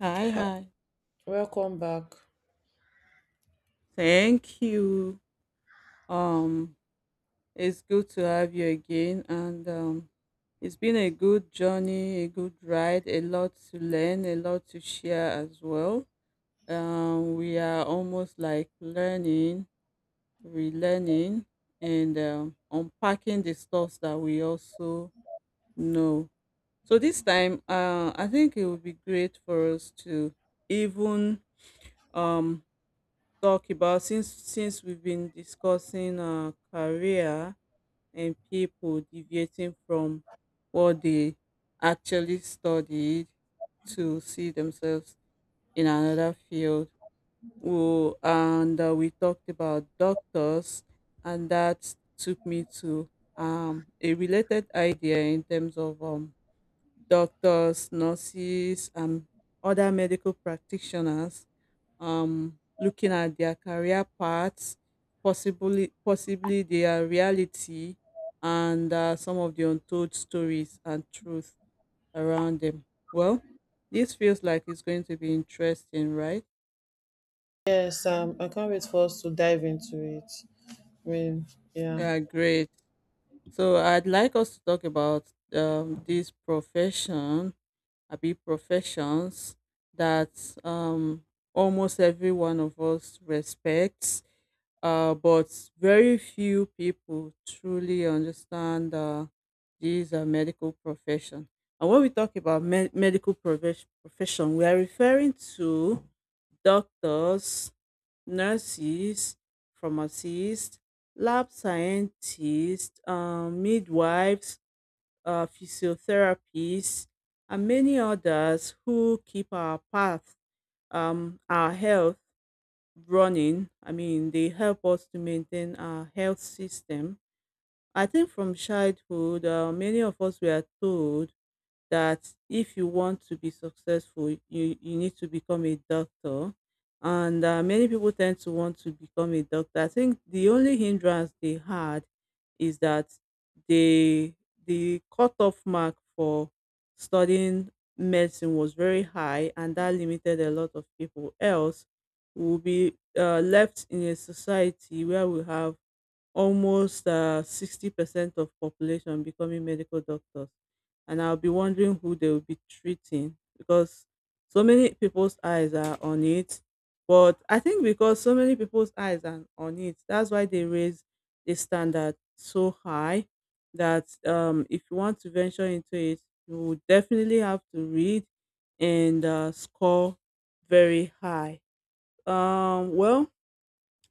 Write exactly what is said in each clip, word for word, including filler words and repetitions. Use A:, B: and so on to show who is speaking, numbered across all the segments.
A: Hi,
B: Hi,
A: hi.
B: welcome back.
A: Thank you. Um, it's good to have you again, and um, it's been a good journey, a good ride, a lot to learn, a lot to share as well. Um, we are almost like learning, relearning, and um, unpacking the stuff that we also know. So this time, uh, I think it would be great for us to even um talk about, since since we've been discussing uh, career and people deviating from what they actually studied to see themselves in another field. Who and uh, We talked about doctors, and that took me to um, a related idea in terms of um, doctors, nurses, and other medical practitioners, um, looking at their career paths, possibly possibly their reality, and uh, some of the untold stories and truth around them. Well, this feels like it's going to be interesting, right?
B: Yes, um, I can't wait for us to dive into it. I mean, yeah.
A: Uh, great. So I'd like us to talk about um, this profession, abi professions, that um almost every one of us respects, uh but very few people truly understand, uh these uh, medical profession. And when we talk about me- medical profe- profession, we are referring to doctors, nurses, pharmacists, lab scientists, um, midwives, uh, physiotherapists, and many others who keep our path, um, our health, running. I mean, they help us to maintain our health system. I think from childhood, uh, many of us were told that if you want to be successful, you, you need to become a doctor. And uh, many people tend to want to become a doctor. I think the only hindrance they had is that the the cutoff mark for studying medicine was very high, and that limited a lot of people. Else, we'll be uh, left in a society where we have almost uh, sixty percent of population becoming medical doctors, and I'll be wondering who they will be treating, because so many people's eyes are on it. But I think because so many people's eyes are on it, that's why they raise the standard so high, that um, if you want to venture into it, you would definitely have to read and uh, score very high. Um, well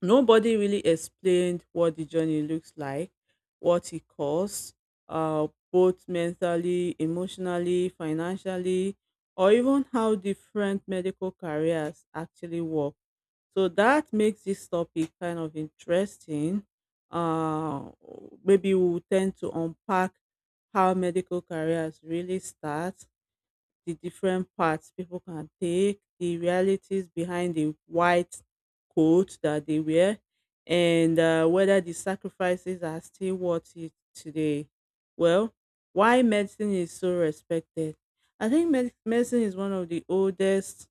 A: nobody really explained what the journey looks like, what it costs, uh, both mentally, emotionally, financially, or even how different medical careers actually work. So that makes this topic kind of interesting. Uh, Maybe we will tend to unpack how medical careers really start, the different paths people can take, the realities behind the white coat that they wear, and uh, whether the sacrifices are still worth it today. Well, why medicine is so respected? I think med- medicine is one of the oldest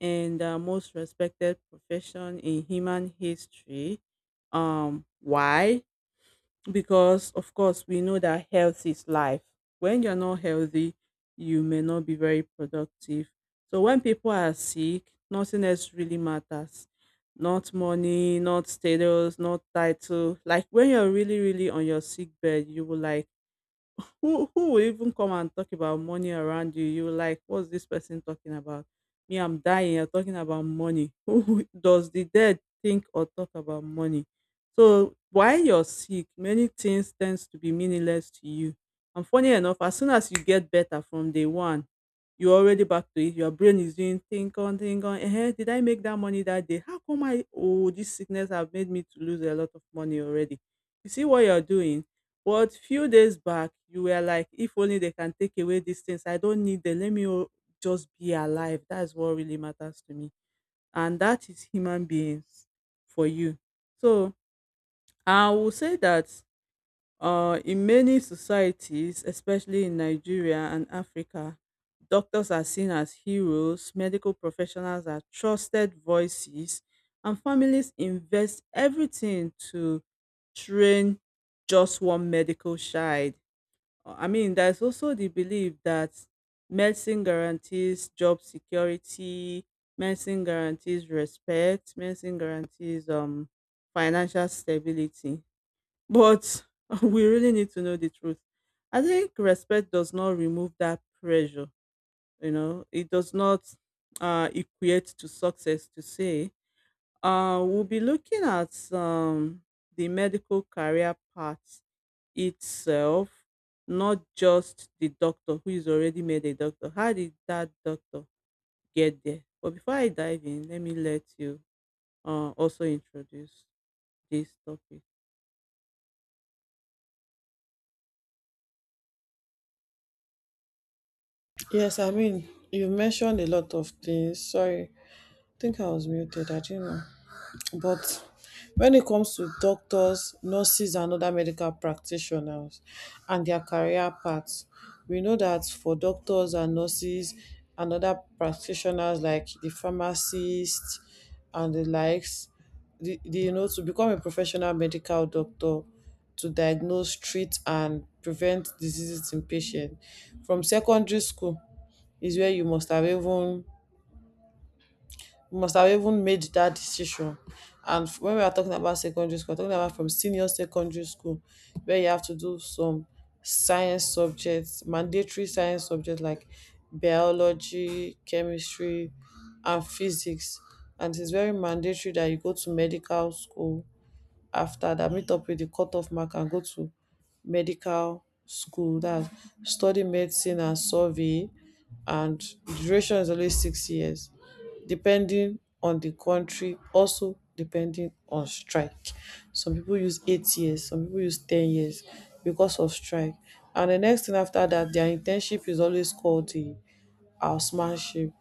A: and uh, most respected profession in human history. Um, why? Because of course we know that health is life. When you're not healthy, you may not be very productive. So when people are sick, nothing else really matters, not money, not status, not title. Like when you're really really on your sick bed, you will like, who who will even come and talk about money around you? You like, what's this person talking about? Me, I'm dying. You're talking about money. Who does the dead think or talk about money? So while you're sick, many things tends to be meaningless to you. And funny enough, as soon as you get better, from day one you're already back to it. Your brain is doing think on, think on. Eh, did I make that money that day? How come I? Oh, this sickness have made me to lose a lot of money already. You see what you're doing. But few days back, you were like, if only they can take away these things, I don't need them. Let me o- just be alive. That's what really matters to me. And that is human beings for you. So I will say that uh, in many societies, especially in Nigeria and Africa, doctors are seen as heroes, medical professionals are trusted voices, and families invest everything to train just one medical child. uh, I mean, there's also the belief that medicine guarantees job security, medicine guarantees respect, medicine guarantees um financial stability. But we really need to know the truth. I think respect does not remove that pressure, you know, it does not uh equate to success, to say. Uh we'll be looking at um the medical career path itself, not just the doctor who is already made a doctor. How did that doctor get there? But before I dive in, let me let you uh, also introduce this topic.
B: Yes, I mean, you mentioned a lot of things. Sorry, I think I was muted. I didn't know. But when it comes to doctors, nurses, and other medical practitioners and their career paths, we know that for doctors and nurses and other practitioners like the pharmacist and the likes, the, the, you know, to become a professional medical doctor, to diagnose, treat, and prevent diseases in patients. From secondary school is where you must have even we must have even made that decision. And f- when we are talking about secondary school, we're talking about from senior secondary school, where you have to do some science subjects, mandatory science subjects like biology, chemistry, and physics. And it's very mandatory that you go to medical school after that, meet up with the cutoff mark and go to medical school that study medicine and survey and duration is only six years depending on the country, also depending on strike. Some people use eight years, some people use ten years because of strike. And the next thing after that, their internship is always called di housemanship,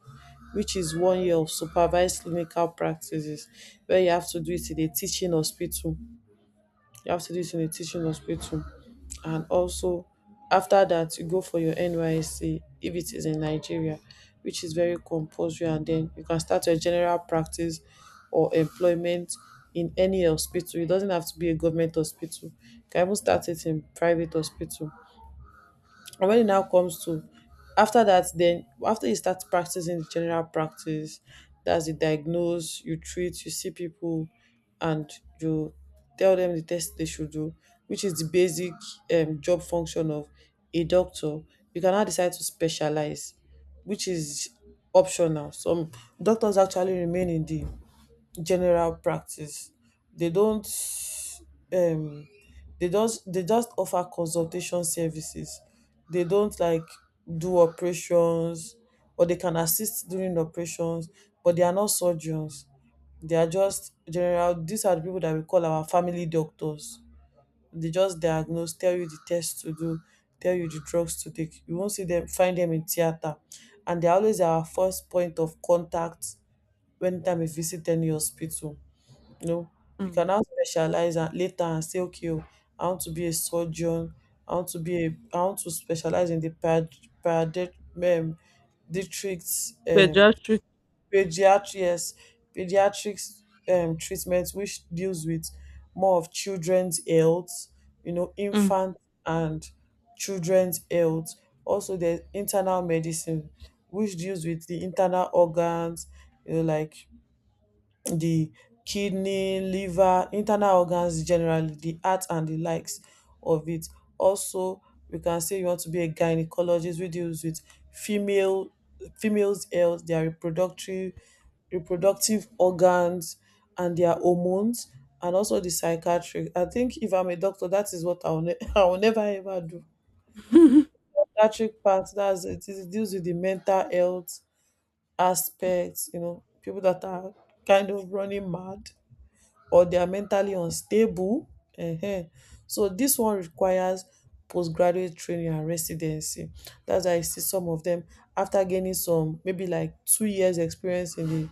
B: which is one year of supervised clinical practices where you have to do it in a teaching hospital you have to do it in a teaching hospital. And also, after that, you go for your N Y S C if it is in Nigeria, which is very compulsory. And then you can start your general practice or employment in any hospital. It doesn't have to be a government hospital. You can even start it in private hospital. And when it now comes to after that, then after you start practicing the general practice, that's the diagnose, you treat, you see people, and you tell them the test they should do, which is the basic um, job function of a doctor. You can now decide to specialize, which is optional. Some doctors actually remain in the general practice. They don't um they just they just offer consultation services. They don't like do operations, or they can assist during operations, but they are not surgeons. They are just general. These are the people that we call our family doctors. They just diagnose, tell you the tests to do, tell you the drugs to take. You won't see them find them in theater. And they're always our first point of contact when time we visit any hospital. No, you
A: Mm.
B: can now specialize and later and say, okay, oh, I want to be a surgeon. I want to be a. I want to specialize in the pad, pad, um, districts, um,
A: Pediatric.
B: pediatrics, pediatrics um, treatment, which deals with more of children's health, you know,
A: Mm.
B: infant and children's health. Also, there's internal medicine, which deals with the internal organs, you know, like the kidney, liver, internal organs generally, the heart and the likes of it. Also, we can say you want to be a gynecologist, which deals with female females' health, their reproductive reproductive organs and their hormones, and also the psychiatric. I think if I'm a doctor, that is what I will, ne- I will never ever do. Psychiatric part, that's it. It deals with the mental health aspects, you know, people that are kind of running mad or they are mentally unstable um. So this one requires postgraduate training and residency. That's why I see some of them after gaining some maybe like two years experience in the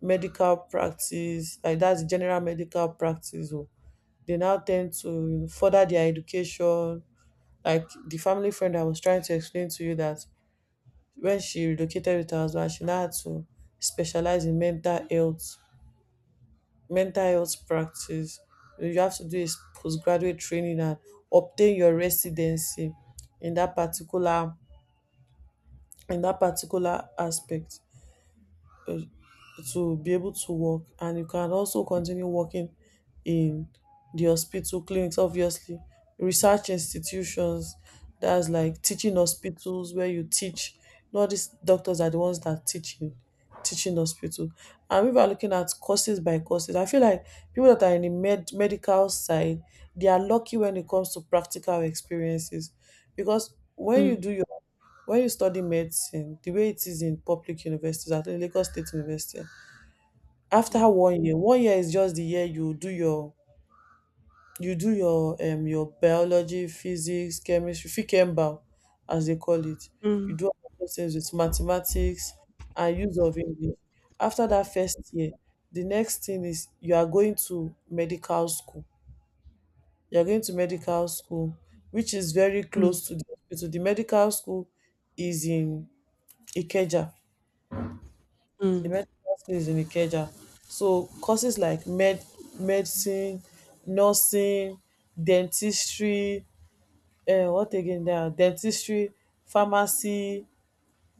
B: medical practice, like that's di general medical practice. Oh, they now ten d to you know, further their education, like the family friend I was trying to explain to you that when she relocated wit her husband, she now had to specialize in mental health mental health practice. You you have to do is postgraduate training and obtain your residency in that particular in that particular aspect to be able to work. And you can also continue working in the hospital clinics, obviously research institutions, that's like teaching hospitals where you teach you know These doctors are the ones that teach in teaching hospital. And if we are looking at courses by courses, I feel like people that are in the med- medical side, they are lucky when it comes to practical experiences. Because when you
A: Mm,
B: do your when you study medicine the way it is in public universities, at least Lagos State University, after
A: mm,
B: one year, one year is just the year you do your you do your um your biology, physics, chemistry, fikemba, as they call it.
A: mm,
B: You do all those things with mathematics and use of english. After that first year, the next thing is you are going to medical school you are going to medical school, which is very
A: mm, mm,
B: close to the hospital. the medical school is in ikeja the
A: mm.
B: medical school is in Ikeja. So courses like med medicine, nursing, dentistry, um what again now? Dentistry, pharmacy,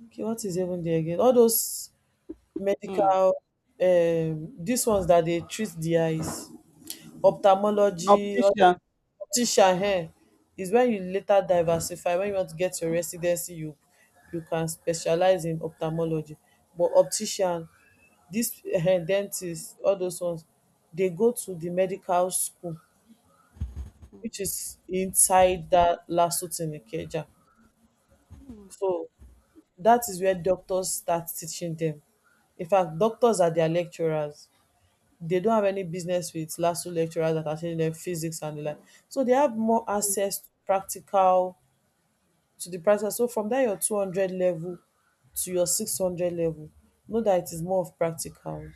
B: okay, what is even there again? All those
A: Mm.
B: medical, um these ones that dey treat the eyes, ophthalmology, op-
A: Optician.
B: optician, um is when you later diversify when you want to get your residency, you you can specialize in ophthalmology. But optician, dis um dentist, all those ones, they go to the medical school, which is inside that lasute in Ikeja.
A: Mm,
B: So that is where doctors start teaching them. In fact, doctors are their lecturers. They don't have any business with LASU lecturers that are teaching them physics and the like. So they have more access to practical, to the prices. So from that your two hundred level to your six hundred level, know that it is more of practical.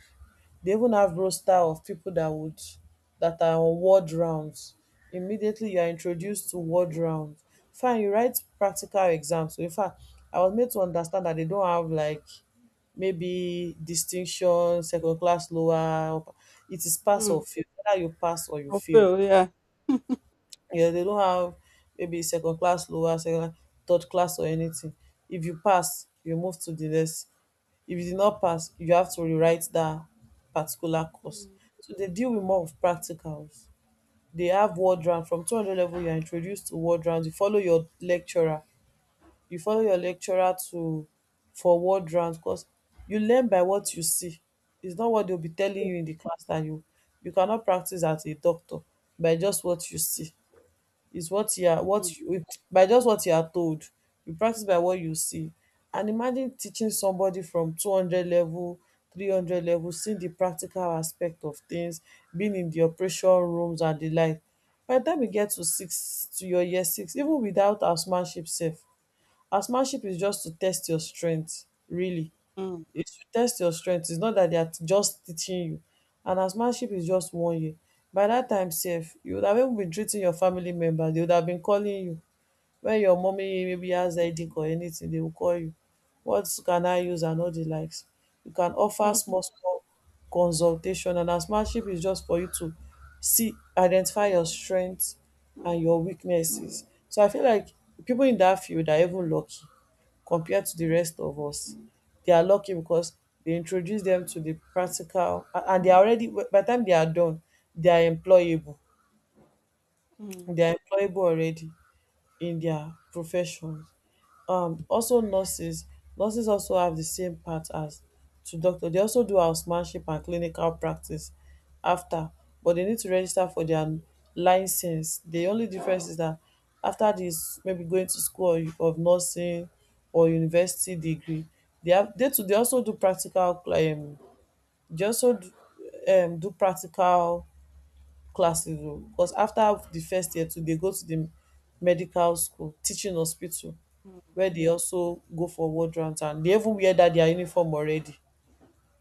B: They even have roster of people that would that are on ward rounds. Immediately you are introduced to word rounds. Fine, you write practical exams. So in fact, I was made to understand that they don't have like maybe distinction, second class, lower, upper. It is pass or
A: mm,
B: fail. Whether you pass or you
A: I
B: fail,
A: feel, yeah.
B: yeah, they don't have maybe second class, lower, second, third class, or anything. If you pass, you move to the next. If you did not pass, you have to rewrite that particular course.
A: Mm.
B: So they deal with more of practicals. They have word round. From two hundred level, you are introduced to word round. You follow your lecturer. You follow your lecturer to for word round because you learn by what you see. It's not what they'll be telling
A: Yeah.
B: you in the class that you you cannot practice as a doctor by just what you see is what you are
A: Mm,
B: what you by just what you are told. You practice by what you see. And imagine teaching somebody from two hundred level, three hundred level, seeing the practical aspect of things, being in the operation rooms and the like. By the time you get to six to your year six, even without housemanship sef, housemanship is just to test your strength, really
A: mm,
B: is to test your strength. It's not that they are just teaching you. And housemanship is just one year. By dat time sef, you would have even been treating your family members. They would have been calling you. Wen your mummy maybe has headache or anything, they will call you. What can I use and all the likes. You can offer
A: mhm,
B: small small consultation. And housemanship is just for you to see, identify your strength and your weaknesses. So I feel like pipu in dat field are even lucky compared to the rest of us. They are lucky because they introduce them to the practical a- and they are already by the time they are done, they are employable.
A: mm,
B: They are employable already in their profession. um also nurses nurses also have the same part as to doctor. They also do housemanship and clinical practice after, but they need to register for their license. The only difference is that after this, maybe going to school of of nursing or university degree, they have they too they also do practical um they also do, um do practical classes. Oh, because after the first year too, dey go to the medical school teaching hospital where
A: mm,
B: dey also go for ward rounds, and dey even wear dat dia uniform already.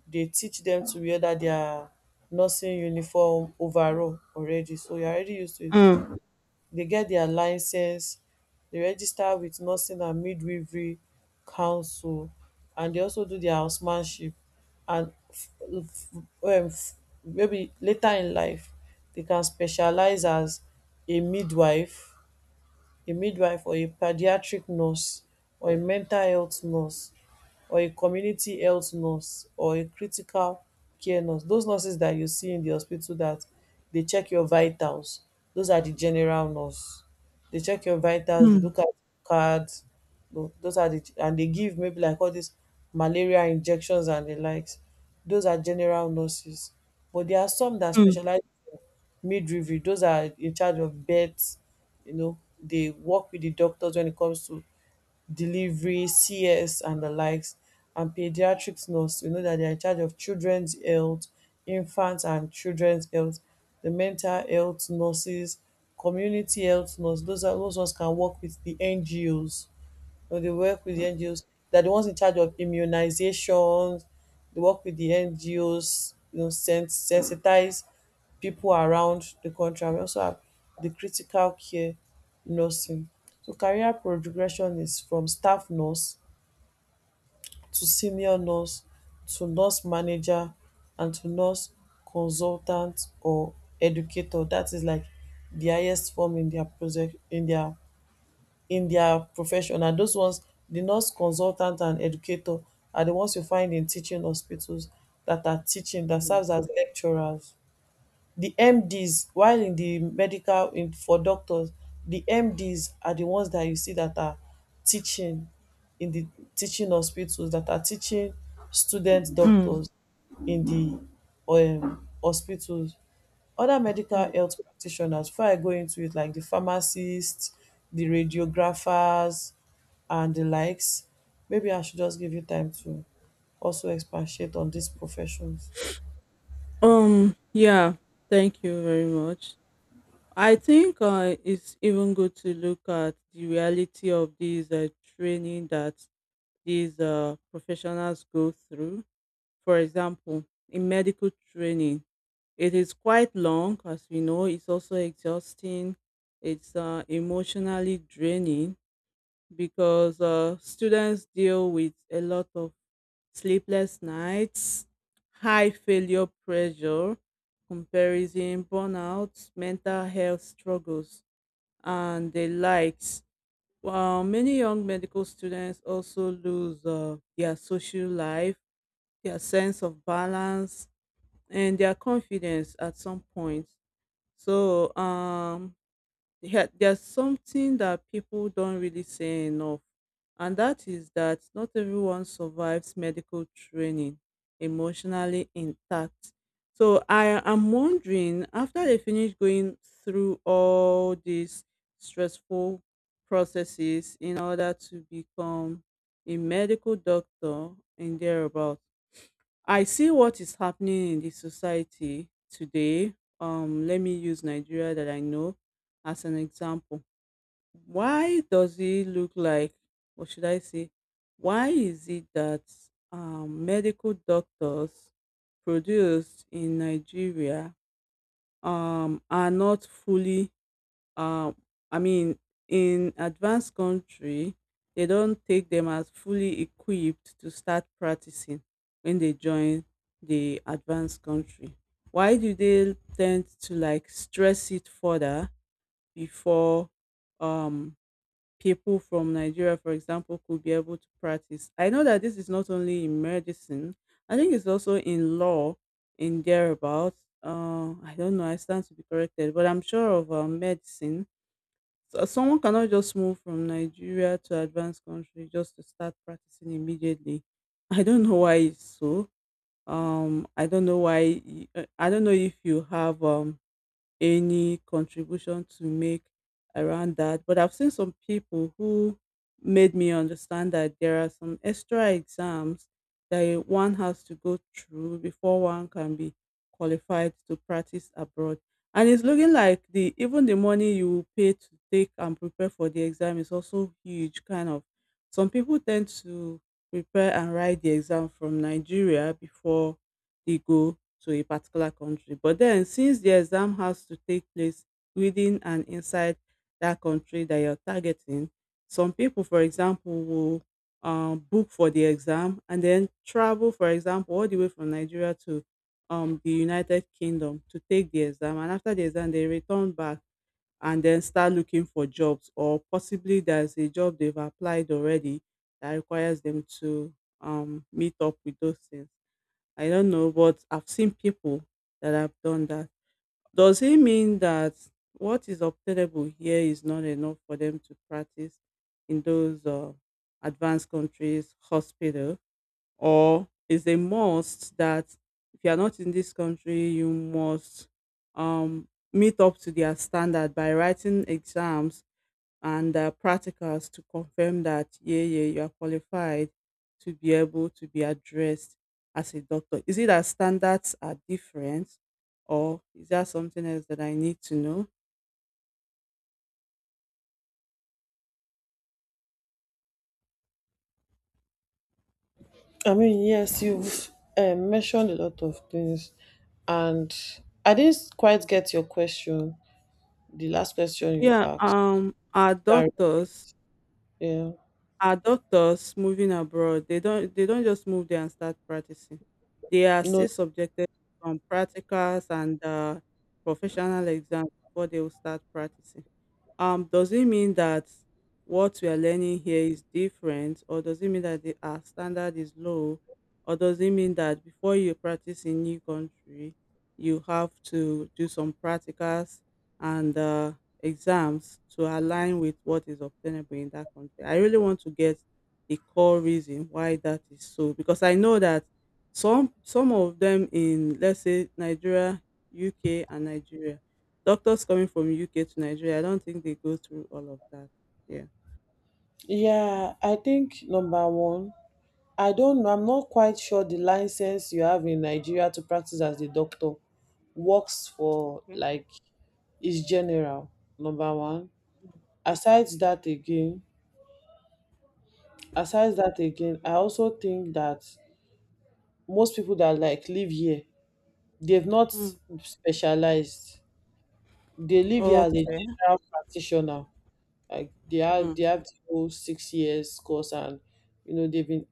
B: Dey teach dem to wear dat dia nursing uniform overall already, so you are already used to it. They get their licence, they register with nursing and midwifery council, and they also do their housemanship. And f- f- um f- maybe later in life, they can specialise as a midwife, a midwife or a paediatric nurse or a mental health nurse or a community health nurse or a critical care nurse. Those nurses that you see in the hospital that they check your vitals, those are the general nurse. They check your
A: mm,
B: vitals,
A: mm,
B: they
A: mm,
B: look at cards. tho- those are the and they give maybe like all these malaria injections and the likes. Those are general nurses. But there are some that
A: mm,
B: specialize midwifery. Those are in charge of birth, you know, they work with the doctors when it comes to delivery, C S and the likes, and pediatrics nurse. You know that they are in charge of children's health, infants and children's health, the mental health nurses, community health nurse. Those are those ones, can work with the N G Os or they work with the N G Os. They're the ones in charge of immunizations. They work with the N G Os, you know, sen- sensitize people around the country. And we also have the critical care nursing. So career progression is from staff nurse to senior nurse to nurse manager and to nurse consultant or educator. That is like the highest form in their project in their in their profession, and those ones, the nurse consultant and educator, are the ones you find in teaching hospitals that are teaching, that
A: mm.
B: serves as lecturers. Di MDs, while in di medical, in for doctors, di MDs are di ones that you see that are teaching in di teaching hospitals that are teaching student
A: Mm,
B: doctors in di um hospitals. Other medical
A: mm.
B: health practitioners before I go into it, like di pharmacist, di radiographers and di likes. Maybe I should just give you time to also expatiate on dis professions.
A: Um, yeah, thank you very much. I think uh, it's even good to look at the reality of these uh, training that these uh, professionals go through. For example, in medical training, it is quite long, as we know. It's also exhausting. It's uh, emotionally draining, because uh, students deal with a lot of sleepless nights, high failure pressure, comparison, burnout, mental health struggles and the likes. While many young medical students also lose uh, their social life, their sense of balance, and their confidence at some point. So, um, yeah, there's something that people don't really say enough, and that is that not everyone survives medical training emotionally intact. So I am wondering, after they finish going through all these stressful processes in order to become a medical doctor in thereabout, I see what is happening in the society today. Um, let me use Nigeria that I know as an example. Why does it look like, or should I say, why is it that um, medical doctors produced in Nigeria um, are not fully um I mean, in advanced country they don't take them as fully equipped to start practicing when they join the advanced country? Why do they tend to like stress it further before um people from Nigeria, for example, could be able to practice? I know that this is not only in medicine, I think it's also in law, in thereabouts. uh, I don't know, I stand to be corrected, but I'm sure of uh, medicine. So someone cannot just move from Nigeria to advanced country just to start practicing immediately. I don't know why it's so. Um, I don't know why. y- uh, I don't know if you have um any contribution to make around that. But I've seen some people who made me understand that there are some extra exams that one has to go through before one can be qualified to practice abroad. And it's looking like the even the money you pay to take and prepare for the exam is also huge kind of. Some people tend to prepare and write the exam from Nigeria before they go to a particular country. But then, since the exam has to take place within and inside that country that you're targeting, some people, for example, will um, book for the exam and then travel, for example, all the way from Nigeria to um, the United Kingdom to take the exam. And after the exam, they return back and then start looking for jobs, or possibly there's a job they've applied already that requires them to um, meet up with those things. I don't know, but I've seen people that have done that. Does it mean that what is obtainable here is not enough for them to practice in those uh, advanced countries hospital, or is a must that if you are not in this country, you must um, meet up to their standard by writing exams and uh, practicals to confirm that yeah yeah you are qualified to be able to be addressed as a doctor? Is it that standards are different, or is there something else that I need to know?
B: I mean, yes, you've um, mentioned a lot of things, and I didn't quite get your question. The last question you
A: Yeah,
B: asked.
A: um our
B: Can
A: doctors,
B: you-
A: our doctors moving abroad, they don't, they don't just move there and start practicing. They are
B: Yeah. No.
A: still subjected to some practicals and uh, professional exams before they will start practicing. Um, does it mean that what we are learning here is different, or does it mean that the, our standard is low, or does it mean that before you practice in new country, you have to do some practicals and uh, exams to align with what is obtainable in that country? I really want to get the core reason why that is so, because I know that some some of them in, let's say, Nigeria, U K, and Nigeria, doctors coming from U K to Nigeria, I don't think they go through all of that. Yeah.
B: Yeah, I think number one, I don't know. I'm not quite sure the license you have in Nigeria to practice as a doctor works for
A: Okay.
B: like is general. Number one. Aside that again, Aside that again, I also think that most people that like live here, they've not
A: Mm.
B: specialized. They live here as a
A: Okay.
B: general practitioner. Like they have
A: Mm.
B: they have to go six years course, and you know they've been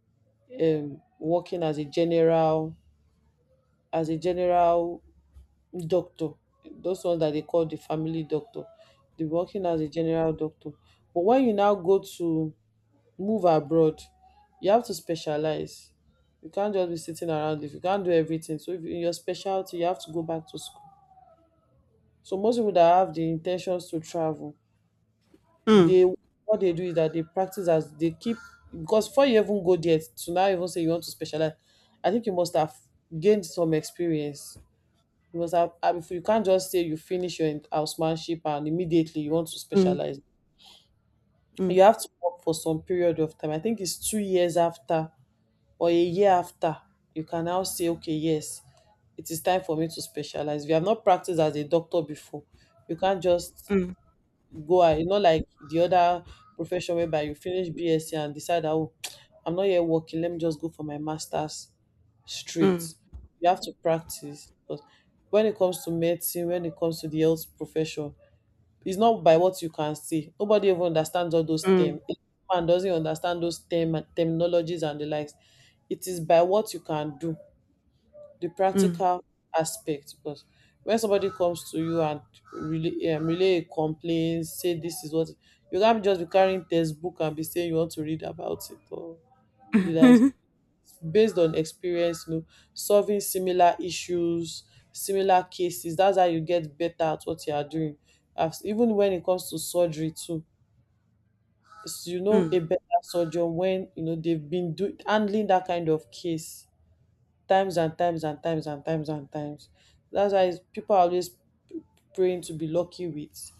B: um working as a general as a general doctor. Those ones that they call the family doctor. They're working as a general doctor. But when you now go to move abroad, you have to specialize. You can't just be sitting around if you can't do everything. So if in your specialty, you have to go back to school. So most people that have the intentions to travel,
A: Mm.
B: they, what they do is that they practice as they keep, because before you even go there to now even say you want to specialize, I think you must have gained some experience. You must have um, if you can't just say you finish your housemanship and immediately you want to
A: Mm.
B: specialize.
A: Mm.
B: You have to work for some period of time. I think it's two years after or a year after you can now say, okay, yes, it is time for me to specialize. If you have not practiced as a doctor before, you can't just
A: Mm.
B: go out. It's not like the other profession whereby you finish BSc and decide that, oh, I'm not here working, let me just go for my master's straight.
A: Mm.
B: You have to practice. But when it comes to medicine, when it comes to the health profession, it's not by what you can see. Nobody even understands all those
A: Mm.
B: terms. If man doesn't understand those term terminologies and the likes, it is by what you can do, the
A: Mm.
B: practical aspect. Because when somebody comes to you and relay, um, relay a complaint, say this is what, you can't just be carrying textbook and be saying you want to read about it or the like. Based on experience, you know, solving similar issues, similar cases. That's how you get better at what you are doing. As, even when it comes to surgery too, it's- you know a
A: Mm.
B: better surgeon when you know they've been do, handling that kind of case times and times and times and times and times. That's why it's- people are always p- praying to be lucky with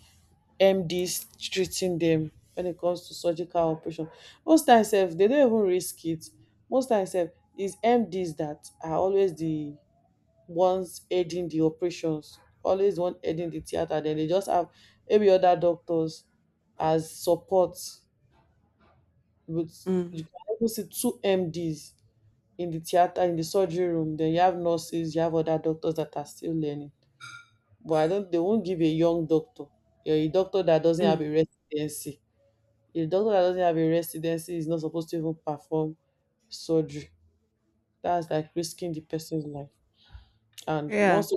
B: M Ds treating them when it comes to surgical operation. Most times, sef, they don't even risk it. Most times, sef, it's M Ds that are always the ones aiding the operations, always the one aiding the theater. Then they just have maybe other doctors as support, but
A: Mm.
B: you can even see two M Ds in the theater, in the surgery room. Then you have nurses, you have other doctors that are still learning. But I don't, they won't give a young doctor, a a doctor that doesn't have a
A: Mm.
B: residency, a doctor that doesn't have a residency is not supposed to even perform surgery. That's like risking the person's life. And
A: Yeah.
B: once,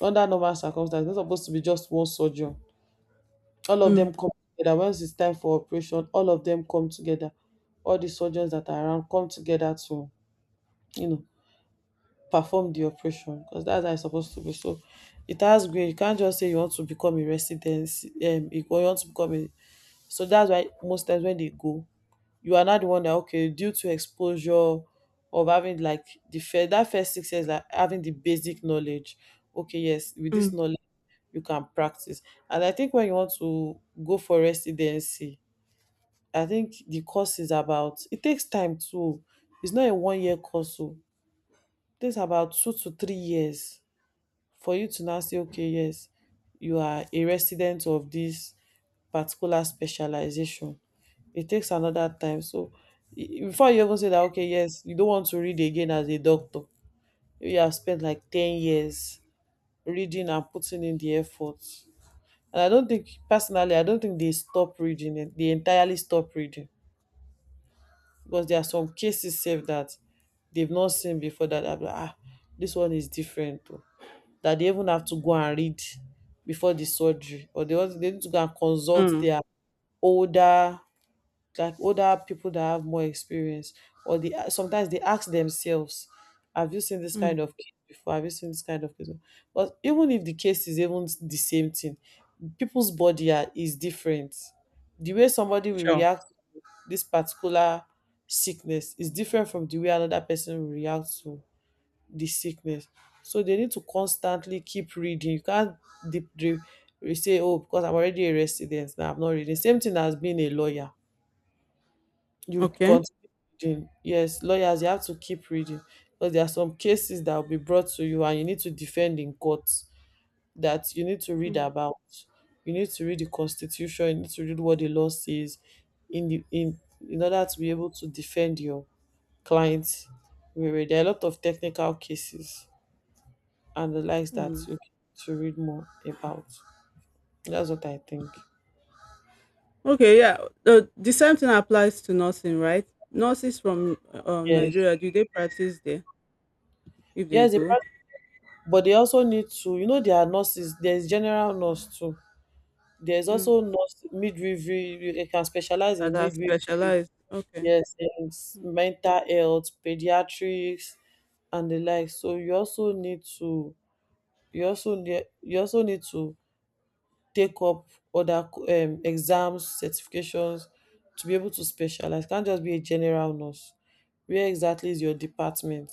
B: under normal circumstances, it's not supposed to be just one surgeon. All of
A: Mm.
B: them come together. Once it's time for operation, all of them come together, all the surgeons that are around come together to, you know, perform the operation, because that's how it's supposed to be. So it has grade. You can't just say you want to become a residency, um, you go- you want to become a. So that's why most times when they go, you are not the one that okay, due to exposure of having like the first, that first six years, like having the basic knowledge. Okay, yes, with this
A: Mm.
B: knowledge you can practice. And I think when you want to go for residency, I think the course is about, it takes time too. It's not a one year course, so it takes about two to three years for you to now say, okay, yes, you are a resident of this particular specialization. It takes another time. So i- before you even say that, okay, yes, you don't want to read again as a doctor. You have spent like ten years reading and putting in the effort. And I don't think, personally, I don't think they stop reading it. They entirely stop reading because there are some cases save that they've not seen before that. I'm like, ah, this one is different. Oh, that they even have to go and read before the surgery, or they also they need to go and consult
A: Mm.
B: their older, like older people that have more experience. Or they sometimes they ask themselves, have you seen this
A: Mm.
B: kind of case before, have you seen this kind of case before? But even if the case is even the same thing, people's body are, is different. The way somebody will
A: Sure.
B: react to this particular sickness is different from the way another person will react to the sickness. So they need to constantly keep reading. You can't deep drip, you say, oh, because I'm already a resident now, I'm not reading. Same thing as being a lawyer. You
A: Okay.
B: continue reading. Yes, lawyers, you have to keep reading. Because there are some cases that will be brought to you and you need to defend in court that you need to read
A: Mm.
B: about. You need to read the constitution, you need to read what the law says in the in in order to be able to defend your client. There are a lot of technical cases and the likes that
A: Mm.
B: you need to read more about. That's what I think.
A: Okay. Yeah. The, the same thing applies to nursing, right? Nurses from um,
B: Yes.
A: Nigeria, do they practice there if they
B: Yes, they
A: go?
B: practice, but they also need to, you know, there are nurses, there's general nurse too. There's
A: Mm.
B: also nurse midwifery, they can specialize
A: That
B: in
A: are
B: midwifery,
A: specialized. Okay.
B: yes, in s-
A: Mm.
B: mental health, pediatrics, and the like. So you also need to, you also need, you also need to take up other um, exams, certifications to be able to specialize. Can't just be a general nurse. Where exactly is your department?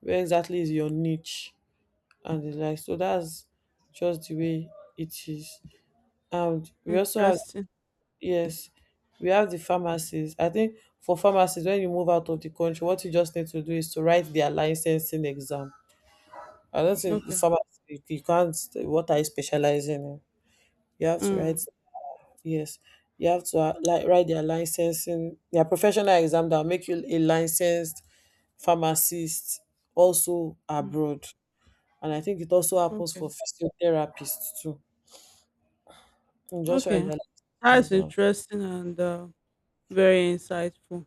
B: Where exactly is your niche? And the like. So that's just the way it is. And we also have,
A: Interesting.
B: yes, we have the pharmacies. I think for pharmacies, when you move out of the country, what you just need to do is to write their licensing exam. I don't think the
A: Okay.
B: pharmacy, you can't what I specialize in. You have to write.
A: Mm.
B: Yes, you have to uh, like write their licensing, their professional exam that will make you a licensed pharmacist also
A: Mm,
B: abroad. And I think it also happens
A: okay.
B: for physiotherapists too. You just write
A: Okay.
B: their licensing
A: That's
B: exam.
A: interesting and uh, very insightful.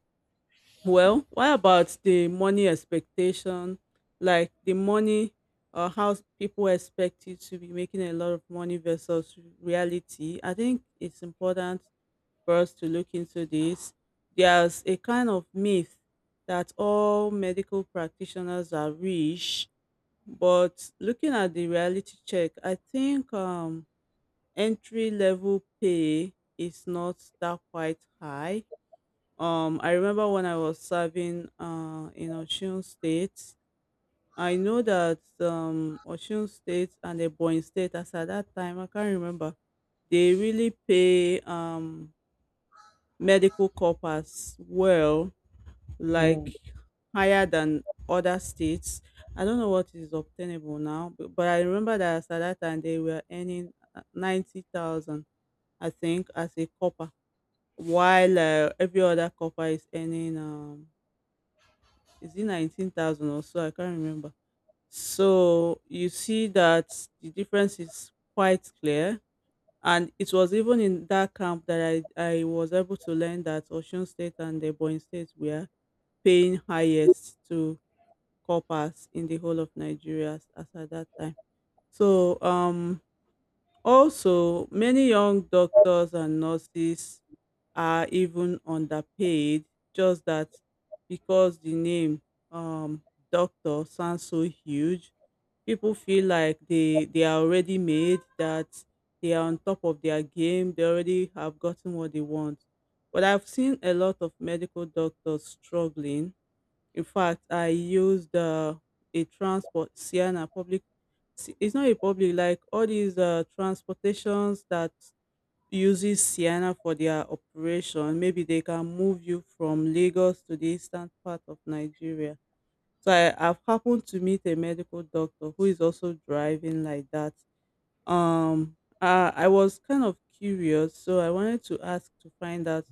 A: Well, what about the money expectation? Like the money, uh, how people expect you to be making a lot of money versus reality. I think it's important for us to look into this. There's a kind of myth that all medical practitioners are rich, but looking at the reality check, I think um, entry level pay is not that quite high. Um, I remember when I was serving uh, in Osun State. I know that um, Osun State and Ebonyi State, as at that time, I can't remember, they really pay um, medical corpus well,
B: Mm.
A: like higher than other states. I don't know what is obtainable now, but, but I remember that as at that time they were earning uh, ninety thousand, I think, as a copper while uh, every other copper is earning um is it nineteen thousand or so. I can't remember. So you see that the difference is quite clear, and it was even in that camp that I, I was able to learn that Osun State and Ebonyi State were paying highest to coppers in the whole of Nigeria as as at that time. So um Also, many young doctors and nurses are even underpaid, just that because the name um, doctor sounds so huge, people feel like they, they are already made, that they are on top of their game, they already have gotten what they want. But I've seen a lot of medical doctors struggling. In fact, I used uh, a transport, Sienna public s- it's not a public like all these uh, transportations that uses Sienna for their operation. Maybe they can move you from Lagos to the eastern part of Nigeria. So I, I've happened to meet a medical doctor who is also driving like that. Um, uh, I was kind of curious, so I wanted to ask to find out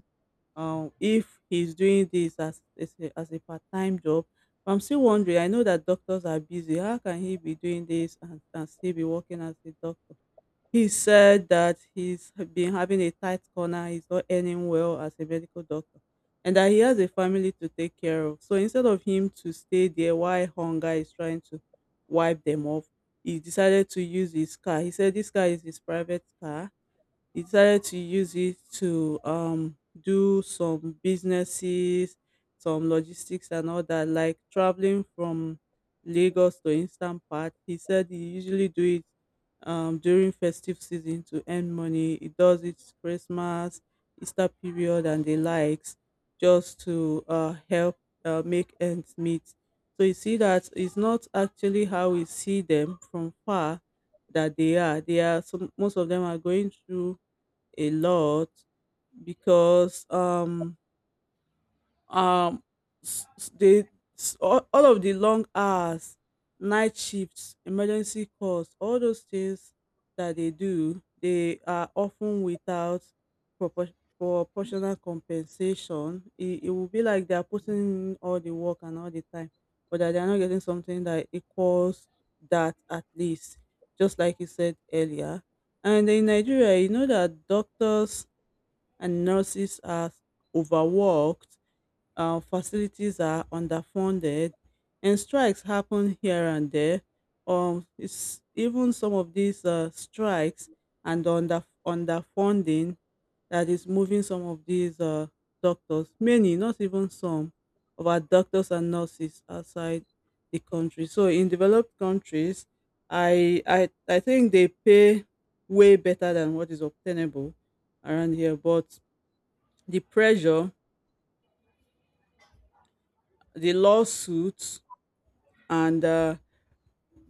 A: um, if he's doing this as as a, as a part-time job. I'm still wondering, I know that doctors are busy, how can he be doing this and, and still be working as a doctor. He said that he's been having a tight corner, he's not earning well as a medical doctor, and that he has a family to take care of. So instead of him to stay there while hunger is trying to wipe them off, he decided to use his car. He said this car is his private car. He decided to use it to um do some businesses, some logistics and all that, like traveling from Lagos to eastern part. He said he usually do it um during festive season to earn money. He does it Christmas, Easter period and the likes, just to uh help uh, make ends meet. So you see that it's not actually how we see them from far, that they are they are some, most of them are going through a lot, because um um s- s- they s- all, all of the long hours, night shifts, emergency calls, all those things that they do, they are often without propor- proportional compensation. It, it will be like they are putting in all the work and all the time, but that they are not getting something that equals that, at least, just like you said earlier. And in Nigeria, you know that doctors and nurses are overworked, uh, facilities are underfunded, and strikes happen here and there. Um, it's even some of these uh, strikes and under underfunding that is moving some of these uh, doctors, many, not even some, of our doctors and nurses outside the country. So in developed countries, I I I think they pay way better than what is obtainable around here. But the pressure, the lawsuits, and uh,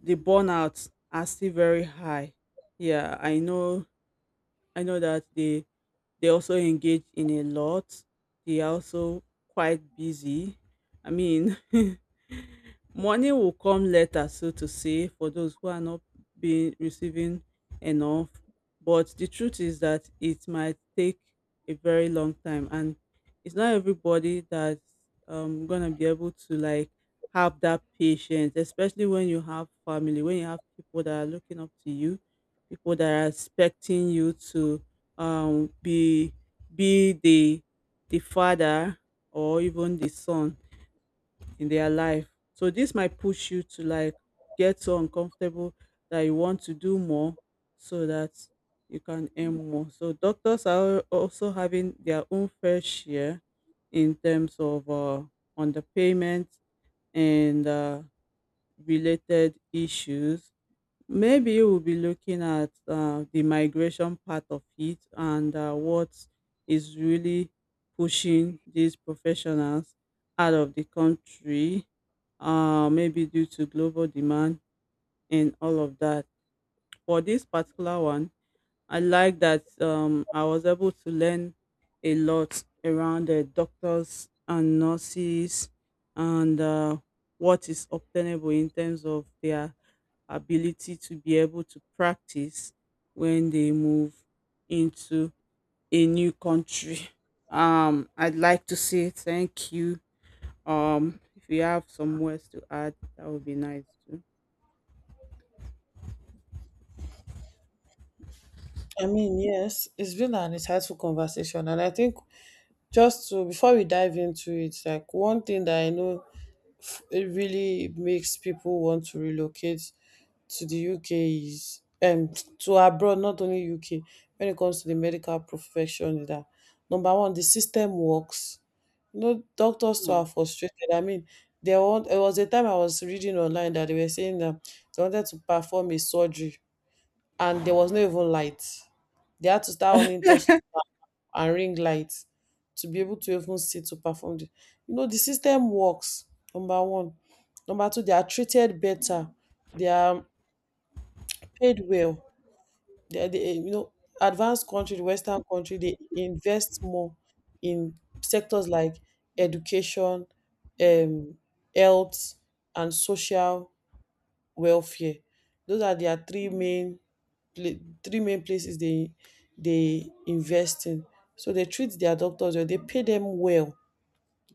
A: the burnout are still very high. Yeah, I know. I know that the They also engage in a lot. They are also quite busy. I mean, money will come later, so to say, for those who are not being receiving enough. But the truth is that it might take a very long time, and it's not everybody that's um, gonna be able to like have that patience, especially when you have family, when you have people that are looking up to you, people that are expecting you to um be be the the father or even the son in their life. So this might push you to like get so uncomfortable that you want to do more, so that you can earn more. So doctors are also having their own fair share in terms of uh underpayment and uh, related issues. Maybe we'll be looking at uh, the migration part of it and uh, what is really pushing these professionals out of the country, uh, maybe due to global demand and all of that. For this particular one, I like that um, I was able to learn a lot around the doctors and nurses and uh, what is obtainable in terms of their ability to be able to practice when they move into a new country. Um, I'd like to say thank you. Um, if you have some words to add, that would be nice too.
B: I mean, yes, it's been an insightful conversation, and I think just to, before we dive into it, like one thing that I know it really makes people want to relocate to the U K is um to abroad, not only U K. When it comes to the medical profession, is that number one, the system works. You know, doctors too are
A: Mm,
B: frustrated. I mean, they want. It was a time I was reading online that they were saying that they wanted to perform a surgery and there was no even light. They had to start on torchlight and ring light to be able to even see to perform the, you know, the system works. Number one, number two, they are treated better. They are paid well. they, are- they, you know, advanced country, western country, they invest more in sectors like education, um health and social welfare. Those are their three main pla- three main places they they invest in. So they treat their doctors well. They pay them well.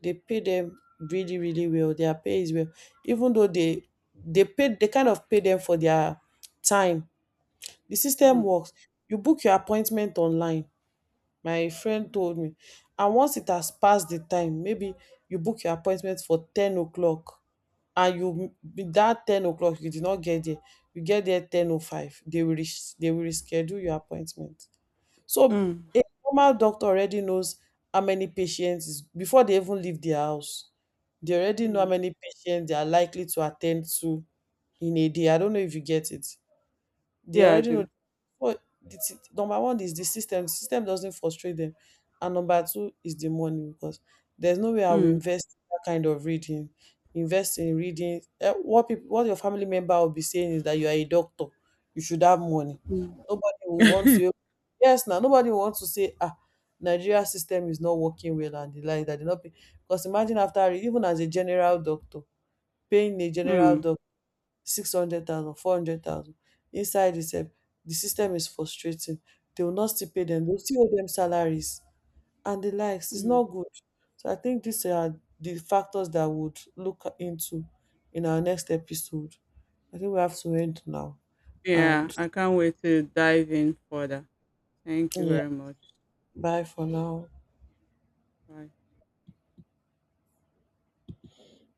B: They pay them really really well. Their pay is well, even though they they pay, they kind of pay them for their time. The system
A: mm,
B: works. You book your appointment online, my friend told me. And once it has passed the time, maybe you book your appointment for ten o'clock, and you with that ten o'clock you did not get there, you get there ten oh five, they will res- they will reschedule your appointment. So
A: mm,
B: a normal doctor already knows how many patients is before they even leave their house. They already know how
A: mm.
B: many patients they are likely to attend to in a day. I don't know if you get it. They
A: Yeah, I
B: already know
A: do.
B: what the t- number one is the system. The system doesn't frustrate them, and number two is the money, because there's no way I will
A: Mm,
B: invest in that kind of reading. Invest in reading. Eh, what people, what your family member will be saying is that you are a doctor. You should have money. Nobody
A: mm.
B: will want to. Yes, now nobody will want to say ah. Nigeria system is not working well and the like, that they not pay. Because imagine after even as a general doctor, paying a general
A: Mm,
B: doctor six hundred thousand, four hundred thousand, inside the sef the system is frustrating. They will not still pay dem, they will still owe them salaries and the likes. It's not
A: mm.
B: good. So I think these are the factors that would look into in our next episode. I think we have to end now,
A: Yeah,
B: and
A: I can't wait to dive in further. Thank you
B: yeah,
A: very much.
B: bye for now.
A: Bye.